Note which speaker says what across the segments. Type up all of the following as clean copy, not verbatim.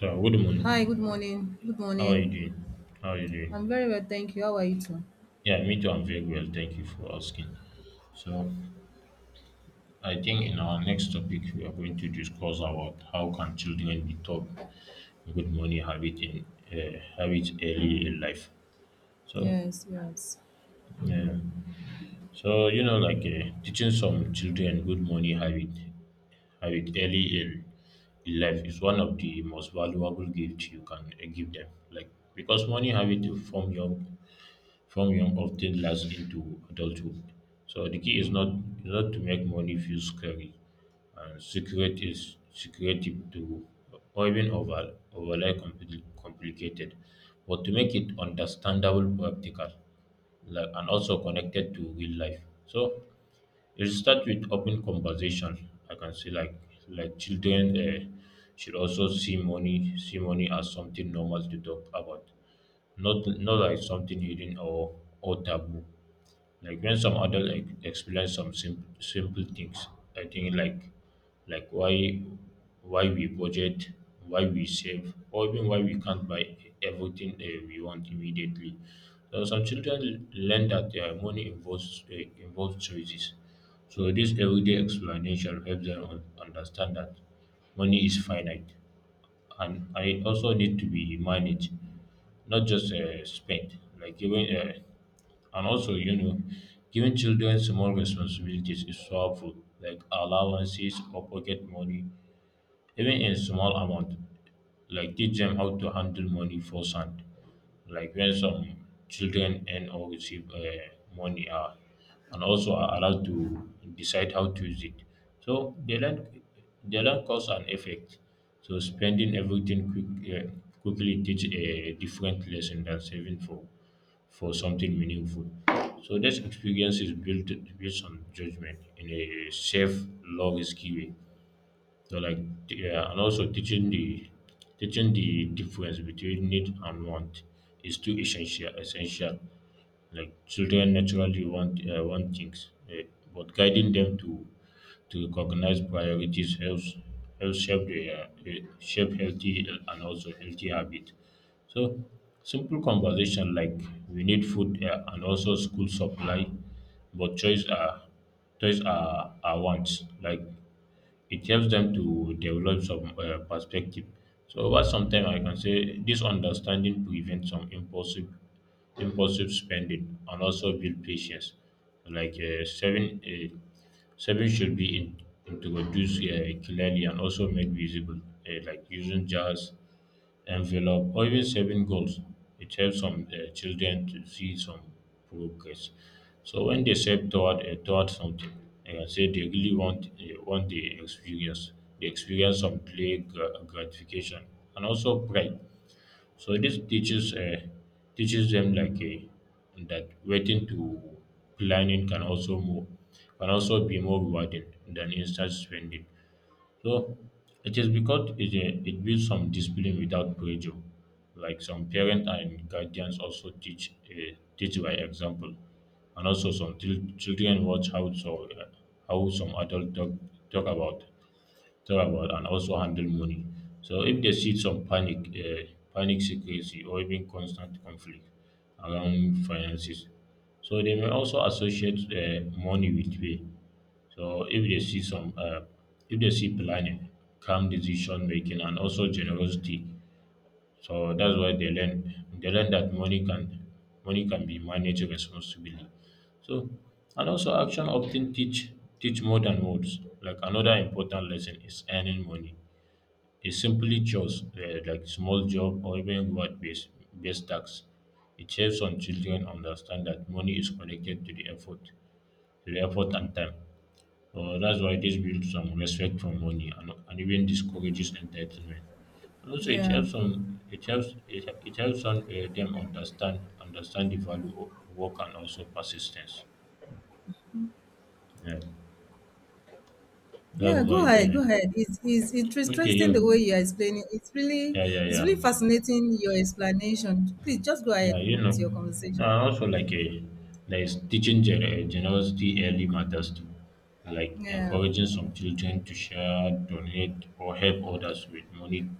Speaker 1: So, good
Speaker 2: Hi, good
Speaker 1: morning.
Speaker 2: morning. Good
Speaker 1: How are you
Speaker 2: morning.
Speaker 1: doing? How are you doing?
Speaker 2: I'm very well, thank you. How are you too?
Speaker 1: Yeah, me too. I'm very well. Thank you for asking. So, I think in our next topic, we are going to discuss about how can children be taught good morning habit in habits early in life. So,
Speaker 2: Yes, yes.
Speaker 1: yeah. Teaching some children good morning habit early in life is one of the most valuable gifts you can give them. Like because morning habit to form young from young often lasts into adulthood. So the key is not to make money feel scary and secretive to or even overly complicated, but to make it understandable, practical, like, and also connected to real life. So it starts with open conversation. I can say like children should also see money as something normal to talk about, not like something hidden or taboo. Like when some adult like explain some simple things, I think like why we budget, why we save, or even why we can't buy everything we want immediately. So some children learn that their money involves involves choices. So this everyday explanation helps them understand that money is finite and I also need to be managed, not just spent. Like giving, and also you know, giving children small responsibilities is so helpful, like allowances or pocket money even in small amount, like teach them how to handle money for sand. Like when some children earn or receive money are and also are allowed to decide how to use it, so they learn cause and effect. So spending everything quickly teach a different lesson than saving for something meaningful. So this experience is built based on judgment in a safe low risky way. so like yeah, and also teaching the difference between need and want is too essential. Essential, like children naturally want things, but guiding them to recognize priorities helps shape shape healthy and also healthy habit. So simple conversation like we need food and also school supply, but choice are are wants, like it helps them to develop some perspective. So over some time, I can say this understanding prevents some impulsive spending and also build patience. Like saving should introduced clearly and also made visible, like using jars, envelope or even saving goals. It helps some children to see some progress. So when they save toward toward something, like I can say they really want the experience, they experience some gratification and also pride. So this teaches teaches them like a that waiting to planning can also move can also be more rewarding than instant spending. So it is because it builds some discipline without pressure. Like some parents and guardians also teach teach by example, and also children watch how so how some adults talk, talk about talk about and also handle money. So if they see some panic, secrecy, or even constant conflict around finances, so they may also associate money with pay. So if they see planning, calm decision making, and also generosity, so that's why they learn. They learn that money can be managed responsibly. So and also action often teach more than words. Like another important lesson is earning money. It's simply chores, like small job or even reward based based tax. It helps on children understand that money is connected to the effort and time. So that's why this builds some respect for money and, even discourages entitlement. And also, it
Speaker 2: Yeah.
Speaker 1: helps on it helps it, it helps on them understand understand the value of work and also persistence. Yeah, that's
Speaker 2: Yeah,
Speaker 1: why.
Speaker 2: go ahead, go
Speaker 1: Yeah.
Speaker 2: ahead. It's
Speaker 1: Okay.
Speaker 2: interesting
Speaker 1: Yeah.
Speaker 2: the way you're explaining.
Speaker 1: Yeah. Yeah.
Speaker 2: It's really
Speaker 1: Yeah.
Speaker 2: fascinating your explanation. Please just go
Speaker 1: Yeah.
Speaker 2: ahead
Speaker 1: You know,
Speaker 2: with your
Speaker 1: no,
Speaker 2: conversation.
Speaker 1: and also like a there is teaching generosity early matters too, like
Speaker 2: Yeah.
Speaker 1: encouraging some children to share, donate, or help others with money.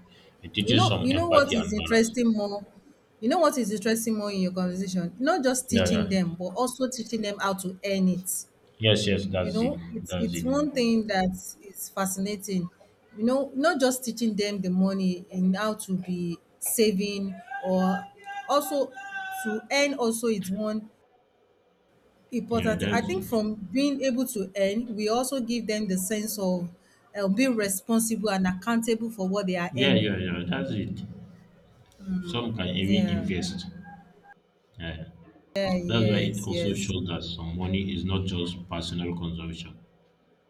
Speaker 1: It teaches some
Speaker 2: You know what
Speaker 1: empathy
Speaker 2: is
Speaker 1: and balance.
Speaker 2: interesting more? You know what is interesting more in your conversation? Not just
Speaker 1: Yeah.
Speaker 2: teaching them,
Speaker 1: Yeah.
Speaker 2: but also teaching them how to earn it.
Speaker 1: Yes. Yes.
Speaker 2: You
Speaker 1: That's it.
Speaker 2: know,
Speaker 1: That's
Speaker 2: it's
Speaker 1: it.
Speaker 2: one thing that is fascinating. You know, not just teaching them the money and how to be saving or also to earn also it's one
Speaker 1: Yeah.
Speaker 2: important. I
Speaker 1: That's
Speaker 2: think
Speaker 1: it.
Speaker 2: from being able to earn, we also give them the sense of being responsible and accountable for what they are
Speaker 1: Yeah,
Speaker 2: earning.
Speaker 1: yeah, yeah. That's it. Some can even
Speaker 2: Yeah.
Speaker 1: invest. Yeah.
Speaker 2: Yeah.
Speaker 1: That's why it
Speaker 2: Yes.
Speaker 1: also
Speaker 2: Yes.
Speaker 1: shows that some money is not just personal consumption,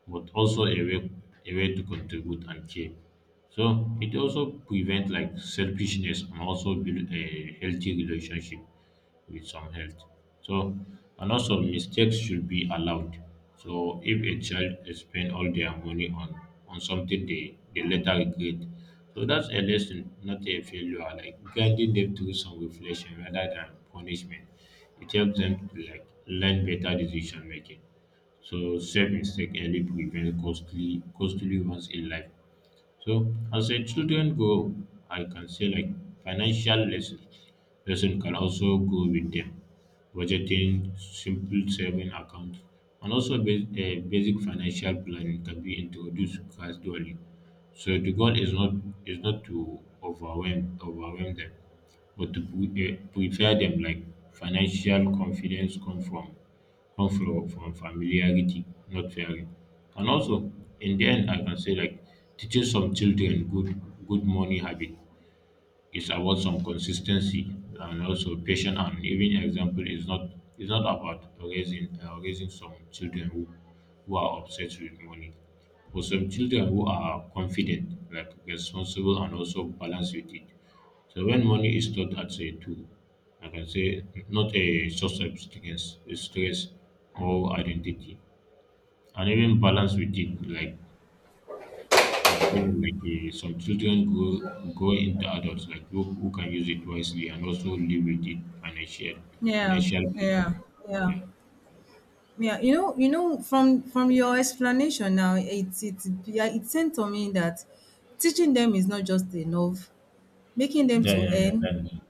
Speaker 1: but also a way to contribute and care. So it also prevents like selfishness and also build a healthy relationship with some health. So, and also mistakes should be allowed. So, if a child spend all their money on something they later regret, so that's a lesson, not a failure. Like guiding them through some reflection rather than punishment, it helps them to like learn better decision making. So, self mistake early prevents costly ones in life. So, as a children grow, I can say like financial lessons Person can also go with them. Budgeting, simple saving accounts, and also basic financial planning can be introduced gradually. So the goal is not to overwhelm them, but to prepare them. Like financial confidence come from familiarity, not fearing. And also in the end, I can say like teaching some children good money habit, it's about some consistency and also patience. And even example is not it's not about raising raising some children who are obsessed with money. For some children who are confident, like responsible and also balanced with it. So when money is taught as a tool, I can say not a source of stress or identity, and even balance with it, like again, like some children grow into adults who can use it wisely and also live with it
Speaker 2: Yeah.
Speaker 1: financial peace.
Speaker 2: Yeah. Yeah.
Speaker 1: Yeah.
Speaker 2: Yeah, you know, from your explanation now, it yeah, it seemed to me that teaching them is not just enough. Making them
Speaker 1: Yeah,
Speaker 2: to
Speaker 1: yeah, yeah.
Speaker 2: earn
Speaker 1: That,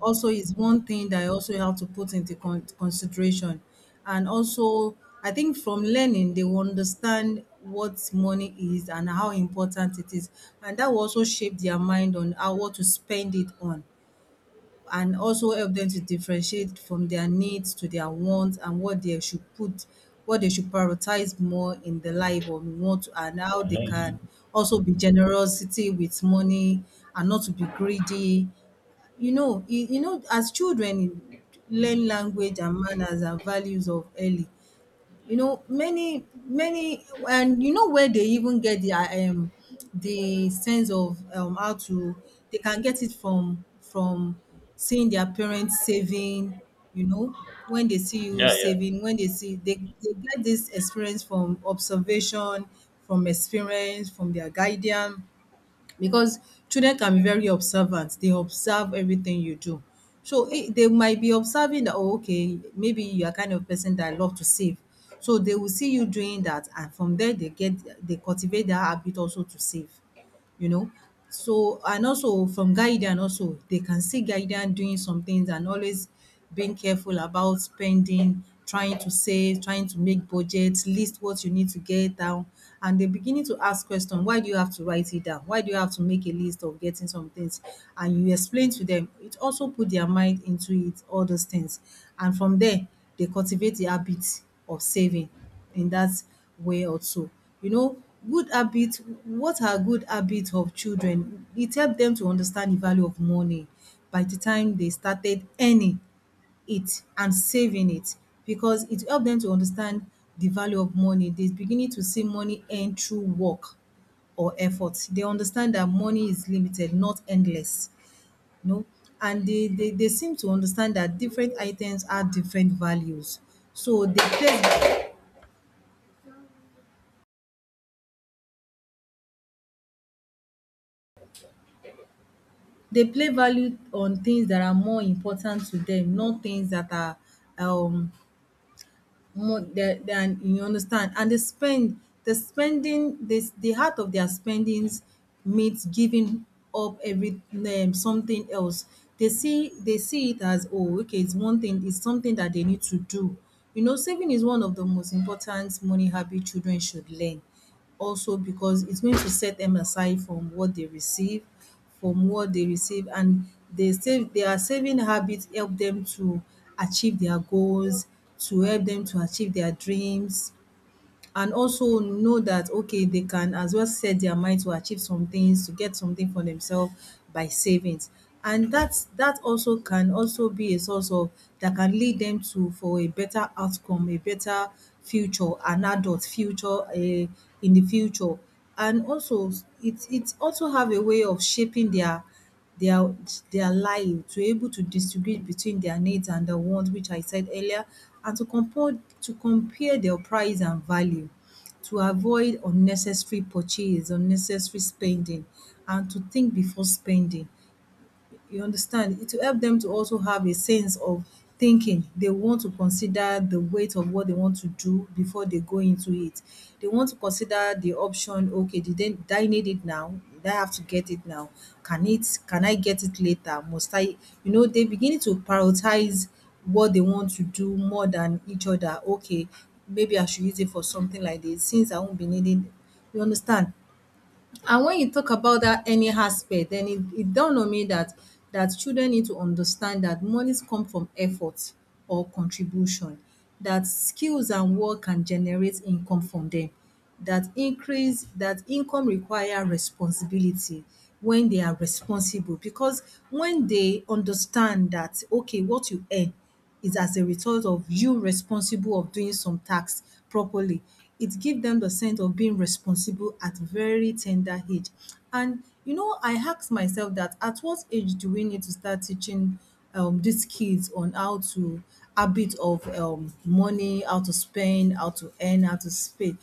Speaker 2: also is one thing that I also have to put into consideration. And also, I think from learning, they will understand what money is and how important it is, and that will also shape their mind on how what to spend it on and also help them to differentiate from their needs to their wants and what they should put what they should prioritize more in the life or what and
Speaker 1: yeah,
Speaker 2: how they
Speaker 1: that is
Speaker 2: can
Speaker 1: it.
Speaker 2: also be generosity with money and not to be greedy. You know, you know, as children learn language and manners and values of early you know many many and you know where they even get their the sense of how to they can get it from seeing their parents saving, you know, when they see you
Speaker 1: Yeah, yeah,
Speaker 2: saving, when they see they get this experience from observation from experience from their guardian because children can be very observant. They observe everything you do. So they might be observing that, oh, okay, maybe you are kind of person that love to save. So they will see you doing that, and from there they get they cultivate that habit also to save, you know. So and also from guidance also, they can see guidance doing some things and always being careful about spending, trying to save, trying to make budgets, list what you need to get down. And they're beginning to ask question, why do you have to write it down? Why do you have to make a list of getting some things? And you explain to them, it also put their mind into it, all those things. And from there, they cultivate the habit of saving in that way also. You know, good habit, what are good habits of children? It helped them to understand the value of money by the time they started earning it and saving it because it helped them to understand the value of money. They're beginning to see money earned through work or effort. They understand that money is limited, not endless. You know, and they seem to understand that different items have different values. So they place they play value on things that are more important to them, not things that are um more than you understand. And they spend the spending this the heart of their spendings means giving up every something else. They see it as, oh, okay, it's one thing, it's something that they need to do. You know, saving is one of the most important money habit children should learn also because it's going to set them aside from what they receive from what they receive and they save their saving habits help them to achieve their goals to help them to achieve their dreams and also know that okay they can as well set their mind to achieve some things to get something for themselves by savings and that also can also be a source of that can lead them to for a better outcome a better future an adult future in the future and also it also have a way of shaping their their life to able to distinguish between their needs and the wants which I said earlier and to compare their price and value to avoid unnecessary purchase, unnecessary spending and to think before spending. You understand it will help them to also have a sense of thinking they want to consider the weight of what they want to do before they go into it. They want to consider the option, okay, did I need it now, did I have to get it now, can I get it later, must I, you know, they begin to prioritize what they want to do more than each other. Okay, maybe I should use it for something like this since I won't be needing. You understand? And when you talk about that any aspect, then it dawned on me that children need to understand that monies come from effort or contribution, that skills and work can generate income from them, that increase that income require responsibility when they are responsible because when they understand that okay what you earn is as a result of you responsible of doing some tasks properly. It gives them the sense of being responsible at very tender age. And you know, I asked myself that at what age do we need to start teaching these kids on how to habit of money, how to spend, how to earn, how to spend.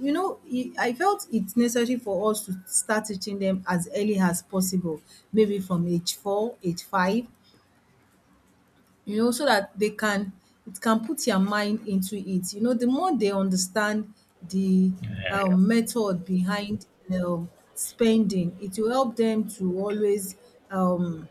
Speaker 2: You know, I felt it's necessary for us to start teaching them as early as possible, maybe from age 4, age 5, you know, so that they can it can put their mind into it. You know, the more they understand the method behind spending, it will help them to always um,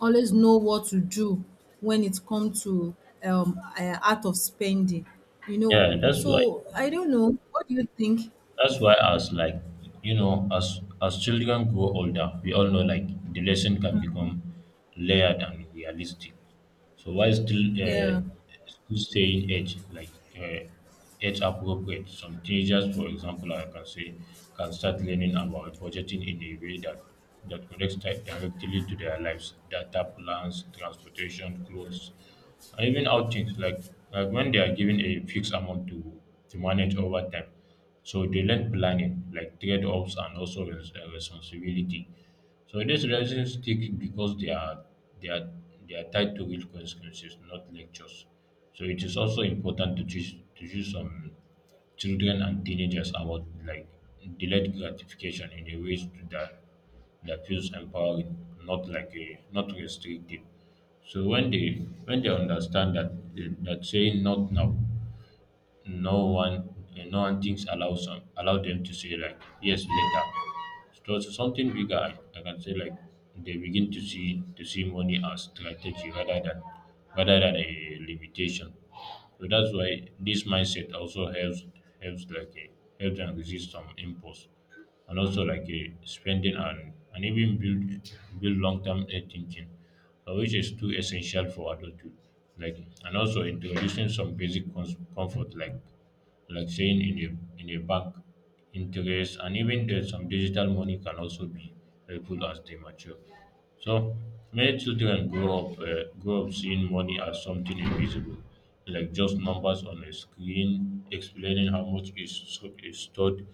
Speaker 2: always know what to do when it comes to art of spending. You know,
Speaker 1: yeah. That's why.
Speaker 2: so I don't know. What do you think?
Speaker 1: That's why as like, you know, as children grow older, we all know like the lesson can become layered and realistic. So while still
Speaker 2: Yeah,
Speaker 1: still staying age like uh, age appropriate, some teenagers, for example, I can say, can start learning about budgeting in a way that connects directly to their lives, data plans, transportation, clothes, and even outings, like when they are given a fixed amount to manage over time, so they learn planning, like trade-offs and also responsibility. So these lessons stick because they are they are tied to real consequences, not lectures. So it is also important to teach some children and teenagers about like delayed gratification in a ways to that feels empowering, not like a not restrictive. So when they understand that saying not now, no one no one thinks allow some allow them to say like yes later, so it's something bigger, I can say like they begin to see money as strategy rather than a limitation. So that's why this mindset also helps helps them resist some impulse and also like a spending and even build long term thinking, which is too essential for adulthood. Like, and also introducing some basic comfort, like saying in a bank, interest, and even some digital money can also be helpful as they mature. So many children grow up seeing money as something invisible, like just numbers on a screen, explaining how much is stored,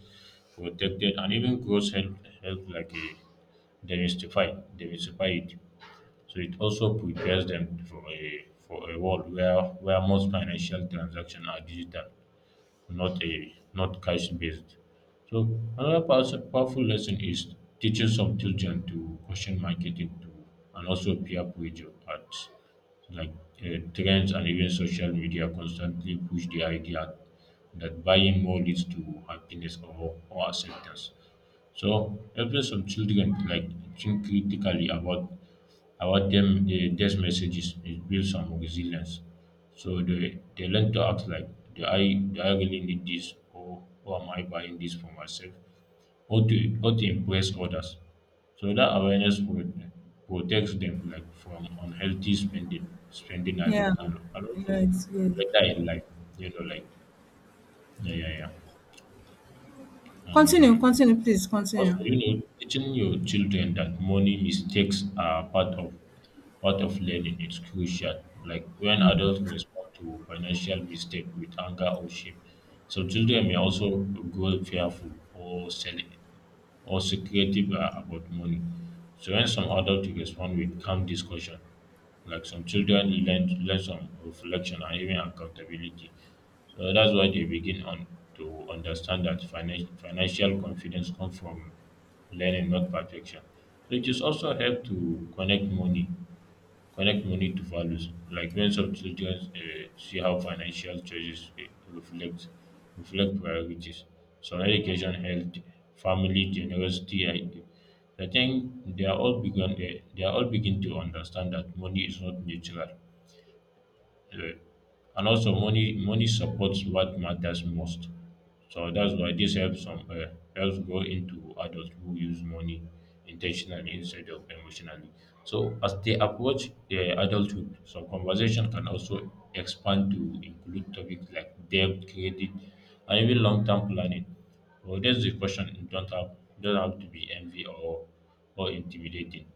Speaker 1: protected, and even grows, help like a demystify it. So it also prepares them for a world where most financial transactions are digital, not cash based. So another powerful lesson is teaching some children to question marketing to and also peer pressure at like trends and even social media constantly push the idea that buying more leads to happiness or acceptance. So helping some children like think critically about them the these messages, it builds some resilience. So they learn to act like, do I really need this, or am I buying this for myself or to impress others. So that awareness protects them like from unhealthy spending
Speaker 2: yeah,
Speaker 1: habit and
Speaker 2: yeah.
Speaker 1: also
Speaker 2: It's good.
Speaker 1: later in life, you know, like yeah yeah yeah.
Speaker 2: Continue,
Speaker 1: And
Speaker 2: continue, please continue.
Speaker 1: also, you know, teaching your children that money mistakes are part of learning is crucial. Like when adults respond to financial mistake with anger or shame, so children may also grow fearful or self or secretive about money. So when some adults respond with calm discussion, like some children learn some reflection and even accountability. So that's why they begin on to understand that financial confidence comes from learning, not perfection. So it is also help to connect money to values, like when some children see how financial choices reflect priorities. So education, health, family, generosity. I think they are all begin they are all begin to understand that money is not neutral. Yeah. And also money supports what matters most. So that's why this helps some helps grow into adults who use money intentionally instead of emotionally. So as they approach adulthood, some conversation can also expand to include topics like debt, credit, and even long-term planning. So that's the question. It don't have to be envy or intimidating.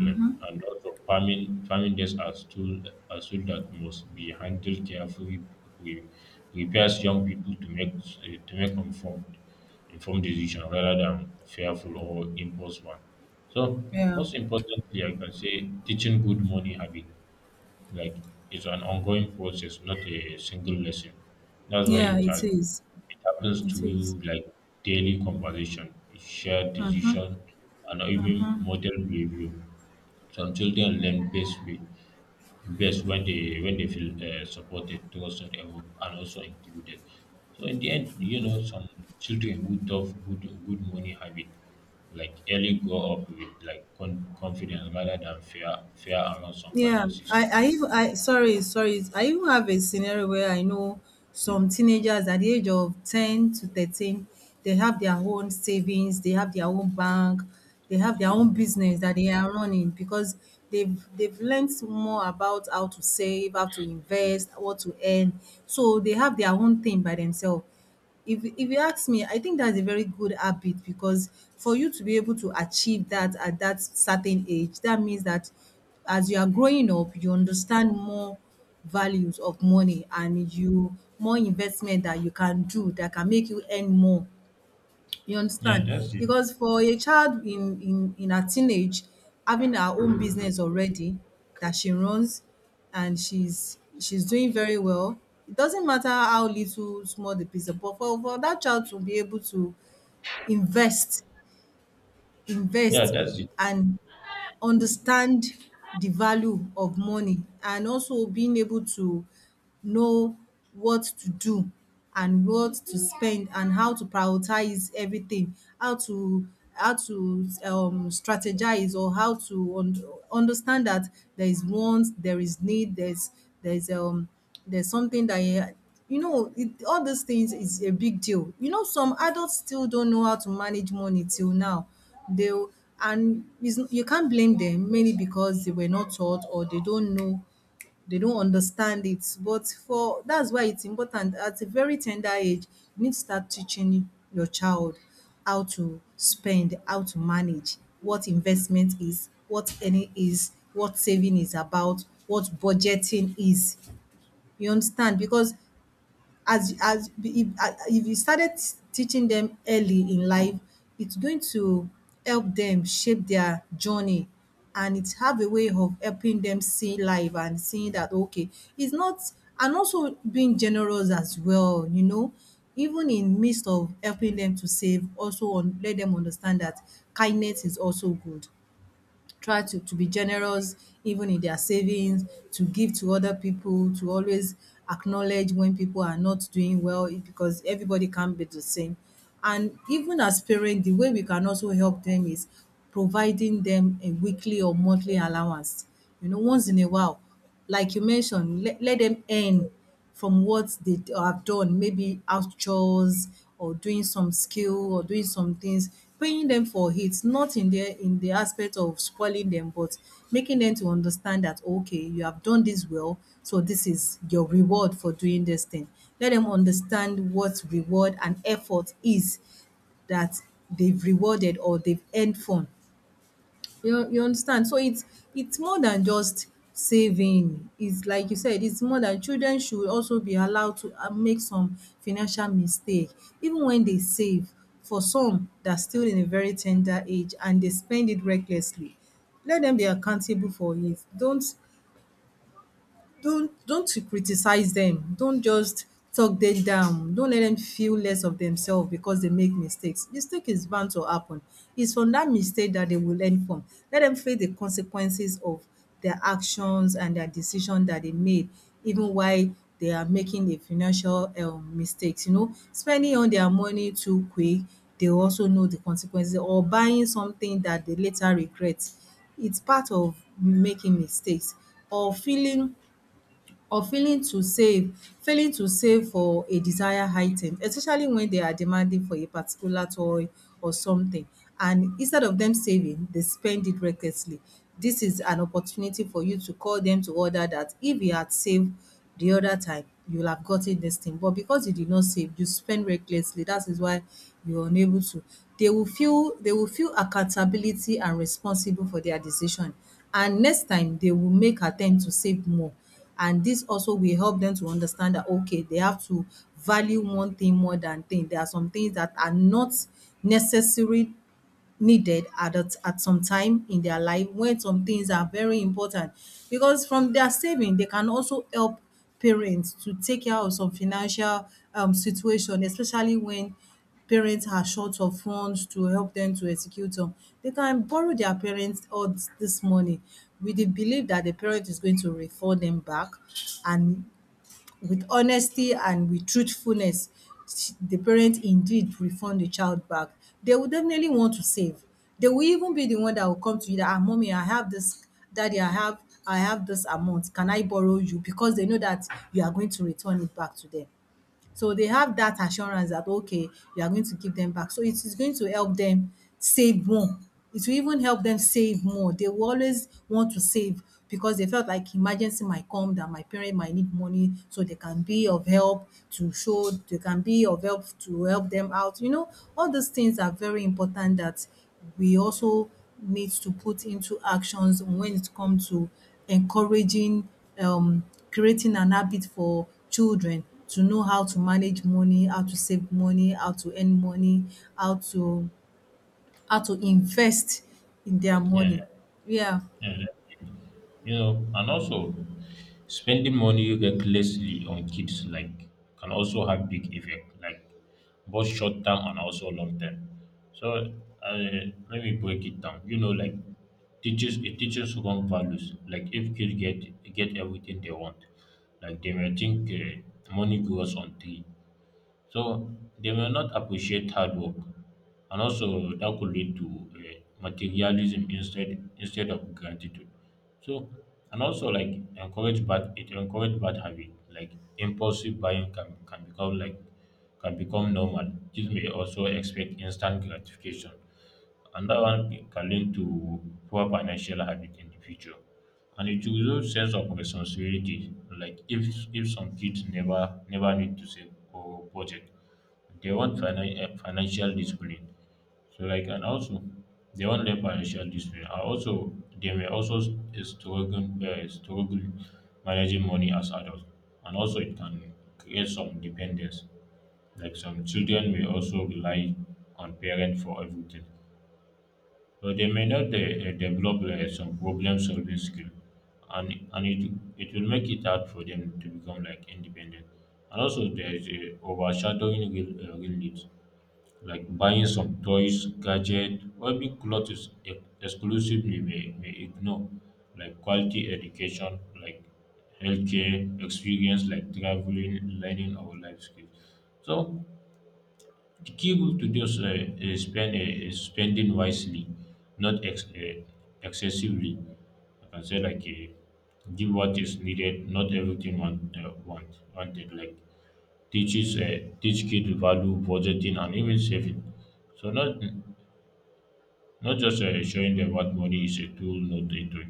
Speaker 1: Like, and also farming days are tool that must be handled carefully. Pre- Prepares young people to make to make informed decision rather than fearful or impulse one. So
Speaker 2: Yeah,
Speaker 1: most importantly, I can say teaching good money habit like it's an ongoing process, not a single lesson. That's why
Speaker 2: yeah. It is.
Speaker 1: it happens
Speaker 2: It is.
Speaker 1: through like daily conversation, shared decision, and even model behavior. Some children learn best way best when they feel supported, trusted, and also included. So in the end, some children who develop good money habit, like early grow up with like confidence rather than fear around some
Speaker 2: Yeah,
Speaker 1: finances.
Speaker 2: I even I sorry, sorry. I even have a scenario where I know some teenagers at the age of 10 to 13, they have their own savings, they have their own bank, they have their own business that they are running because they've learned more about how to save, how to invest, what to earn. So they have their own thing by themselves. If you ask me, I think that's a very good habit because for you to be able to achieve that at that certain age, that means that as you are growing up, you understand more values of money and you more investment that you can do that can make you earn more, you
Speaker 1: Yeah,
Speaker 2: understand?
Speaker 1: that's it.
Speaker 2: Because for a child in her teenage, having her own business already that she runs and she's doing very well, it doesn't matter how little small the piece of, but for that child to be able to invest
Speaker 1: Yeah,
Speaker 2: invest
Speaker 1: that's it.
Speaker 2: and understand the value of money and also being able to know what to do and what to spend and how to prioritize everything, how to how to strategize or how to understand that there is want, there is need, there's um there's something that, you know, it, all these things is a big deal. You know, some adults still don't know how to manage money till now. They and it's, you can't blame them mainly because they were not taught or they don't know, they don't understand it. But for that's why it's important at a very tender age, you need to start teaching your child how to spend, how to manage, what investment is, what earning is, what saving is about, what budgeting is. You understand? Because as if you started teaching them early in life, it's going to help them shape their journey and it have a way of helping them see life and seeing that okay it's not and also being generous as well, you know, even in midst of helping them to save also on let them understand that kindness is also good, try to be generous even in their savings, to give to other people, to always acknowledge when people are not doing well because everybody can't be the same. And even as parents, the way we can also help them is providing them a weekly or monthly allowance. You know, once in a while, like you mentioned, let them earn from what they have done, maybe house chores or doing some skill or doing some things, paying them for it, not in the aspect of spoiling them, but making them to understand that okay, you have done this well, so this is your reward for doing this thing. Let them understand what reward and effort is that they've rewarded or they've earned from you understand, so it's more than just saving. It's like you said, it's more than children should also be allowed to make some financial mistake even when they save. For some, they're still in a very tender age and they spend it recklessly. Let them be accountable for it. Don't to criticize them, don't just talk them down, don't let them feel less of themselves because they make mistakes. Mistake is bound to happen. It's from that mistake that they will learn from. Let them face the consequences of their actions and their decision that they made, even while they are making a financial mistakes, you know, spending on their money too quick. They also know the consequences, or buying something that they later regret. It's part of making mistakes, or feeling, or failing to save, failing to save for a desired item, especially when they are demanding for a particular toy or something, and instead of them saving they spend it recklessly. This is an opportunity for you to call them to order that if you had saved the other time, you'll have gotten this thing, but because you did not save, you spend recklessly, that is why you're unable to. They will feel accountability and responsible for their decision, and next time they will make attempt to save more. And this also will help them to understand that, okay, they have to value one thing more than thing. There are some things that are not necessary, needed at a at some time in their life, when some things are very important, because from their saving they can also help parents to take care of some financial situation, especially when parents are short of funds, to help them to execute on. They can borrow their parents all this money with the belief that the parent is going to refer them back, and with honesty and with truthfulness, the parent indeed refund the child back, they will definitely want to save. They will even be the one that will come to you that, ah, mommy, I have this, daddy, I have this amount. Can I borrow you? Because they know that you are going to return it back to them. So they have that assurance that okay, you are going to give them back. So it is going to help them save more. It will even help them save more. They will always want to save because they felt like emergency might come, that my parent might need money, so they can be of help to show, they can be of help to help them out. You know, all these things are very important that we also need to put into actions when it comes to encouraging, um, creating an habit for children to know how to manage money, how to save money, how to earn money, how to how to invest in their
Speaker 1: Yeah.
Speaker 2: money. Yeah,
Speaker 1: Yeah, you know, and also spending money recklessly on kids like can also have big effect, like both short term and also long term. So uh, let me break it down. You know, like teaches it teaches wrong values. Like if kids get everything they want, like they may think money grows on tree, so they may not appreciate hard work, and also that could lead to materialism instead of gratitude. So and also like encourage bad it encourage bad habit like impulsive buying can become like can become normal. This may also expect instant gratification and that one can lead to poor financial habit in the future. And it will also sense of responsibility. Like if some kids never need to save or budget, they want financial discipline. So like and also they want their financial discipline. And also they may also struggle managing money as adults. And also it can create some dependence. Like some children may also rely on parents for everything but they may not develop some problem solving skill and it will make it hard for them to become like independent, and also there is a overshadowing real needs like buying some toys gadget or big clothes exclusively may ignore like quality education like healthcare experience like traveling learning or life skills. So the key rule to just spend is spending wisely, not ex- excessively. Like I can say like give what is needed, not everything one wanted. Like teach kids value budgeting and even saving. So not not just showing them what money is a tool, not a toy.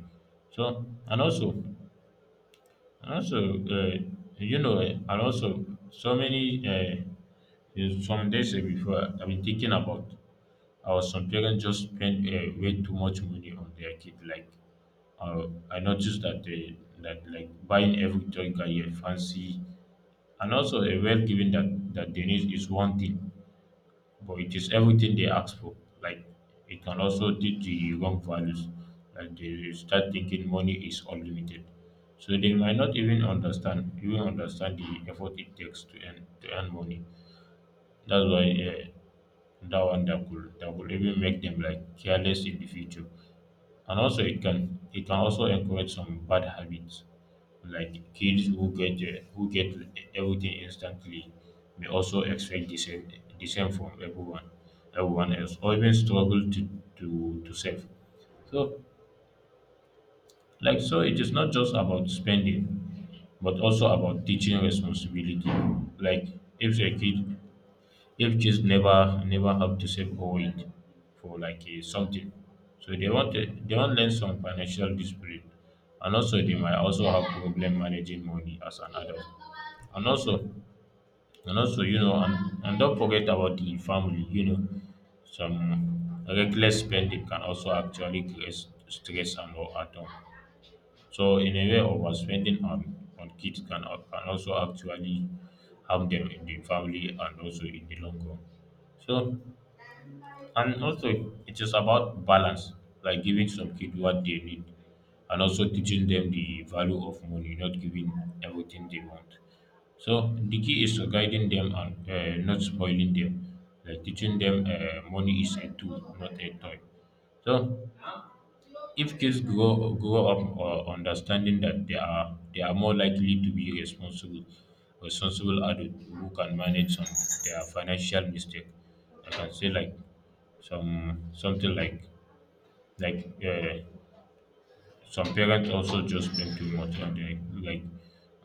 Speaker 1: So and also you know and also so many is some days before I've been thinking about. Or some parents just spend way too much money on their kid. Like I noticed that they that like buying every toy guy a fancy and also a well given that that they need is one thing, but it is everything they ask for. Like it can also lead to wrong values. Like they will start thinking money is unlimited. So they might not even understand the effort it takes to earn money. That's why that could even make them like careless in the future. And also it can also encourage some bad habits. Like kids who get everything instantly may also expect the same from everyone else or even struggle to save. So like so it is not just about spending but also about teaching responsibility. Like if a kid if kids never have to save or wait for like a something. So they want learn some financial discipline, and also they might also have problem managing money as an adult. And also and also you know and don't forget about the family, you know, some reckless spending can also actually create stress and all at home. So in a way overspending on kids can also actually harm them in the family and also in the long run. So and also, it is about balance, like giving some kid what they need, and also teaching them the value of money, not giving everything they want. So the key is to guiding them and not spoiling them, like teaching them money is a tool, not a toy. So if kids grow up understanding that they are more likely to be responsible, responsible adult who can manage some their financial mistake. I can say like some something like some parents also just blame too much and like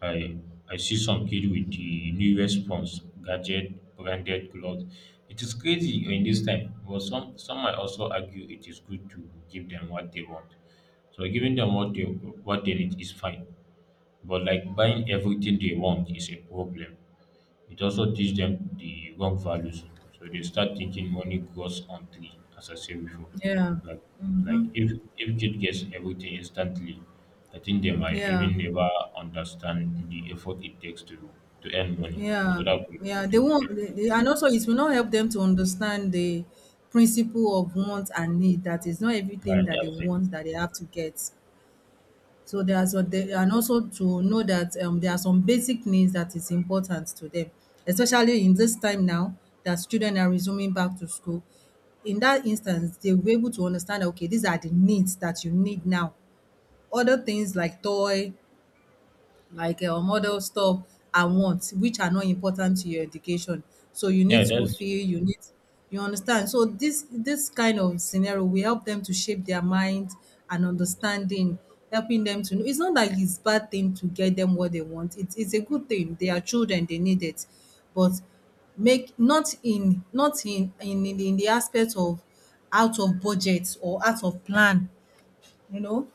Speaker 1: i I see some kid with the new response gadget, branded clothes. It is crazy in this time, but some might also argue it is good to give them what they want. So giving them what they need is fine, but like buying everything they want is a problem. It also teach them the wrong values. So they start thinking money grows on tree, as I said before.
Speaker 2: yeah,
Speaker 1: Like like if kid gets everything instantly, I think they might
Speaker 2: yeah,
Speaker 1: even never understand the effort it takes to earn money.
Speaker 2: yeah,
Speaker 1: So that could
Speaker 2: yeah. They
Speaker 1: do
Speaker 2: won't, they
Speaker 1: carelessness.
Speaker 2: and also it will not help them to understand the principle of want and need. That is not everything
Speaker 1: Right.
Speaker 2: that they
Speaker 1: That's it.
Speaker 2: want that they have to get. So there are so the and also to know that there are some basic needs that is important to them, especially in this time now that students are resuming back to school. In that instance, they will be able to understand that, okay, these are the needs that you need now. Other things like toy, like other stuff and wants which are not important to your education. So you need
Speaker 1: Yeah,
Speaker 2: school
Speaker 1: that's it.
Speaker 2: fee, you need, you understand? So this kind of scenario will help them to shape their mind and understanding, helping them to know it's not like it's bad thing to get them what they want. It's a good thing. They are children, they need it. But make not in the aspect of out of budget or out of plan, you know?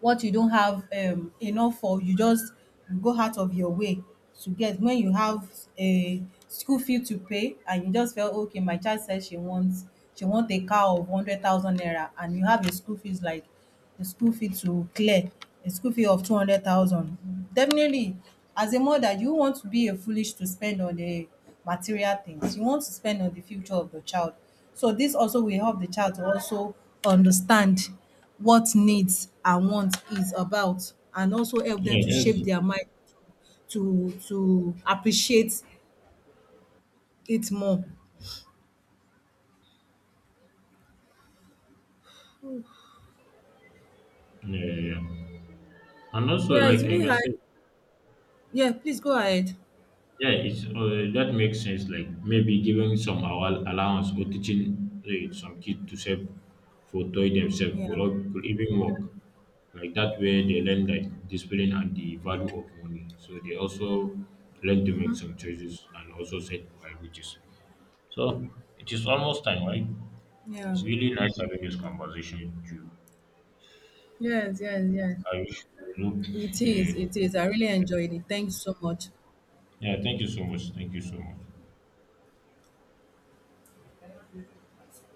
Speaker 2: What you don't have enough for, you just go out of your way to get. When you have a school fee to pay and you just felt, okay, my child says she want a car of 100,000 naira, and you have a school fees like a school fee to clear, a school fee of 200,000. Definitely, as a mother, you want to be a foolish to spend on the material things. You want to spend on the future of the child. So this also will help the child to also understand what needs and want is about, and also help them to
Speaker 1: Yeah, that's
Speaker 2: shape
Speaker 1: it.
Speaker 2: their mind to appreciate it more.
Speaker 1: Yeah, yeah, yeah. And also,
Speaker 2: Yeah, it's
Speaker 1: like I
Speaker 2: really
Speaker 1: can
Speaker 2: hard.
Speaker 1: say,
Speaker 2: Yeah, please go ahead.
Speaker 1: yeah, it's that makes sense. Like maybe giving some allowance or teaching some kids to save for toy themselves
Speaker 2: Yeah.
Speaker 1: could even work. Like that way, they learn like discipline and the value of money. So they also learn to make some choices and also set priorities. So it is almost time, right?
Speaker 2: Yeah.
Speaker 1: It's really nice having this conversation with you.
Speaker 2: Yes, yes, yes.
Speaker 1: I wish you.
Speaker 2: It is.
Speaker 1: Uh,
Speaker 2: It is. I really enjoyed it. Thanks so much.
Speaker 1: yeah, thank you so much. Thank you so much.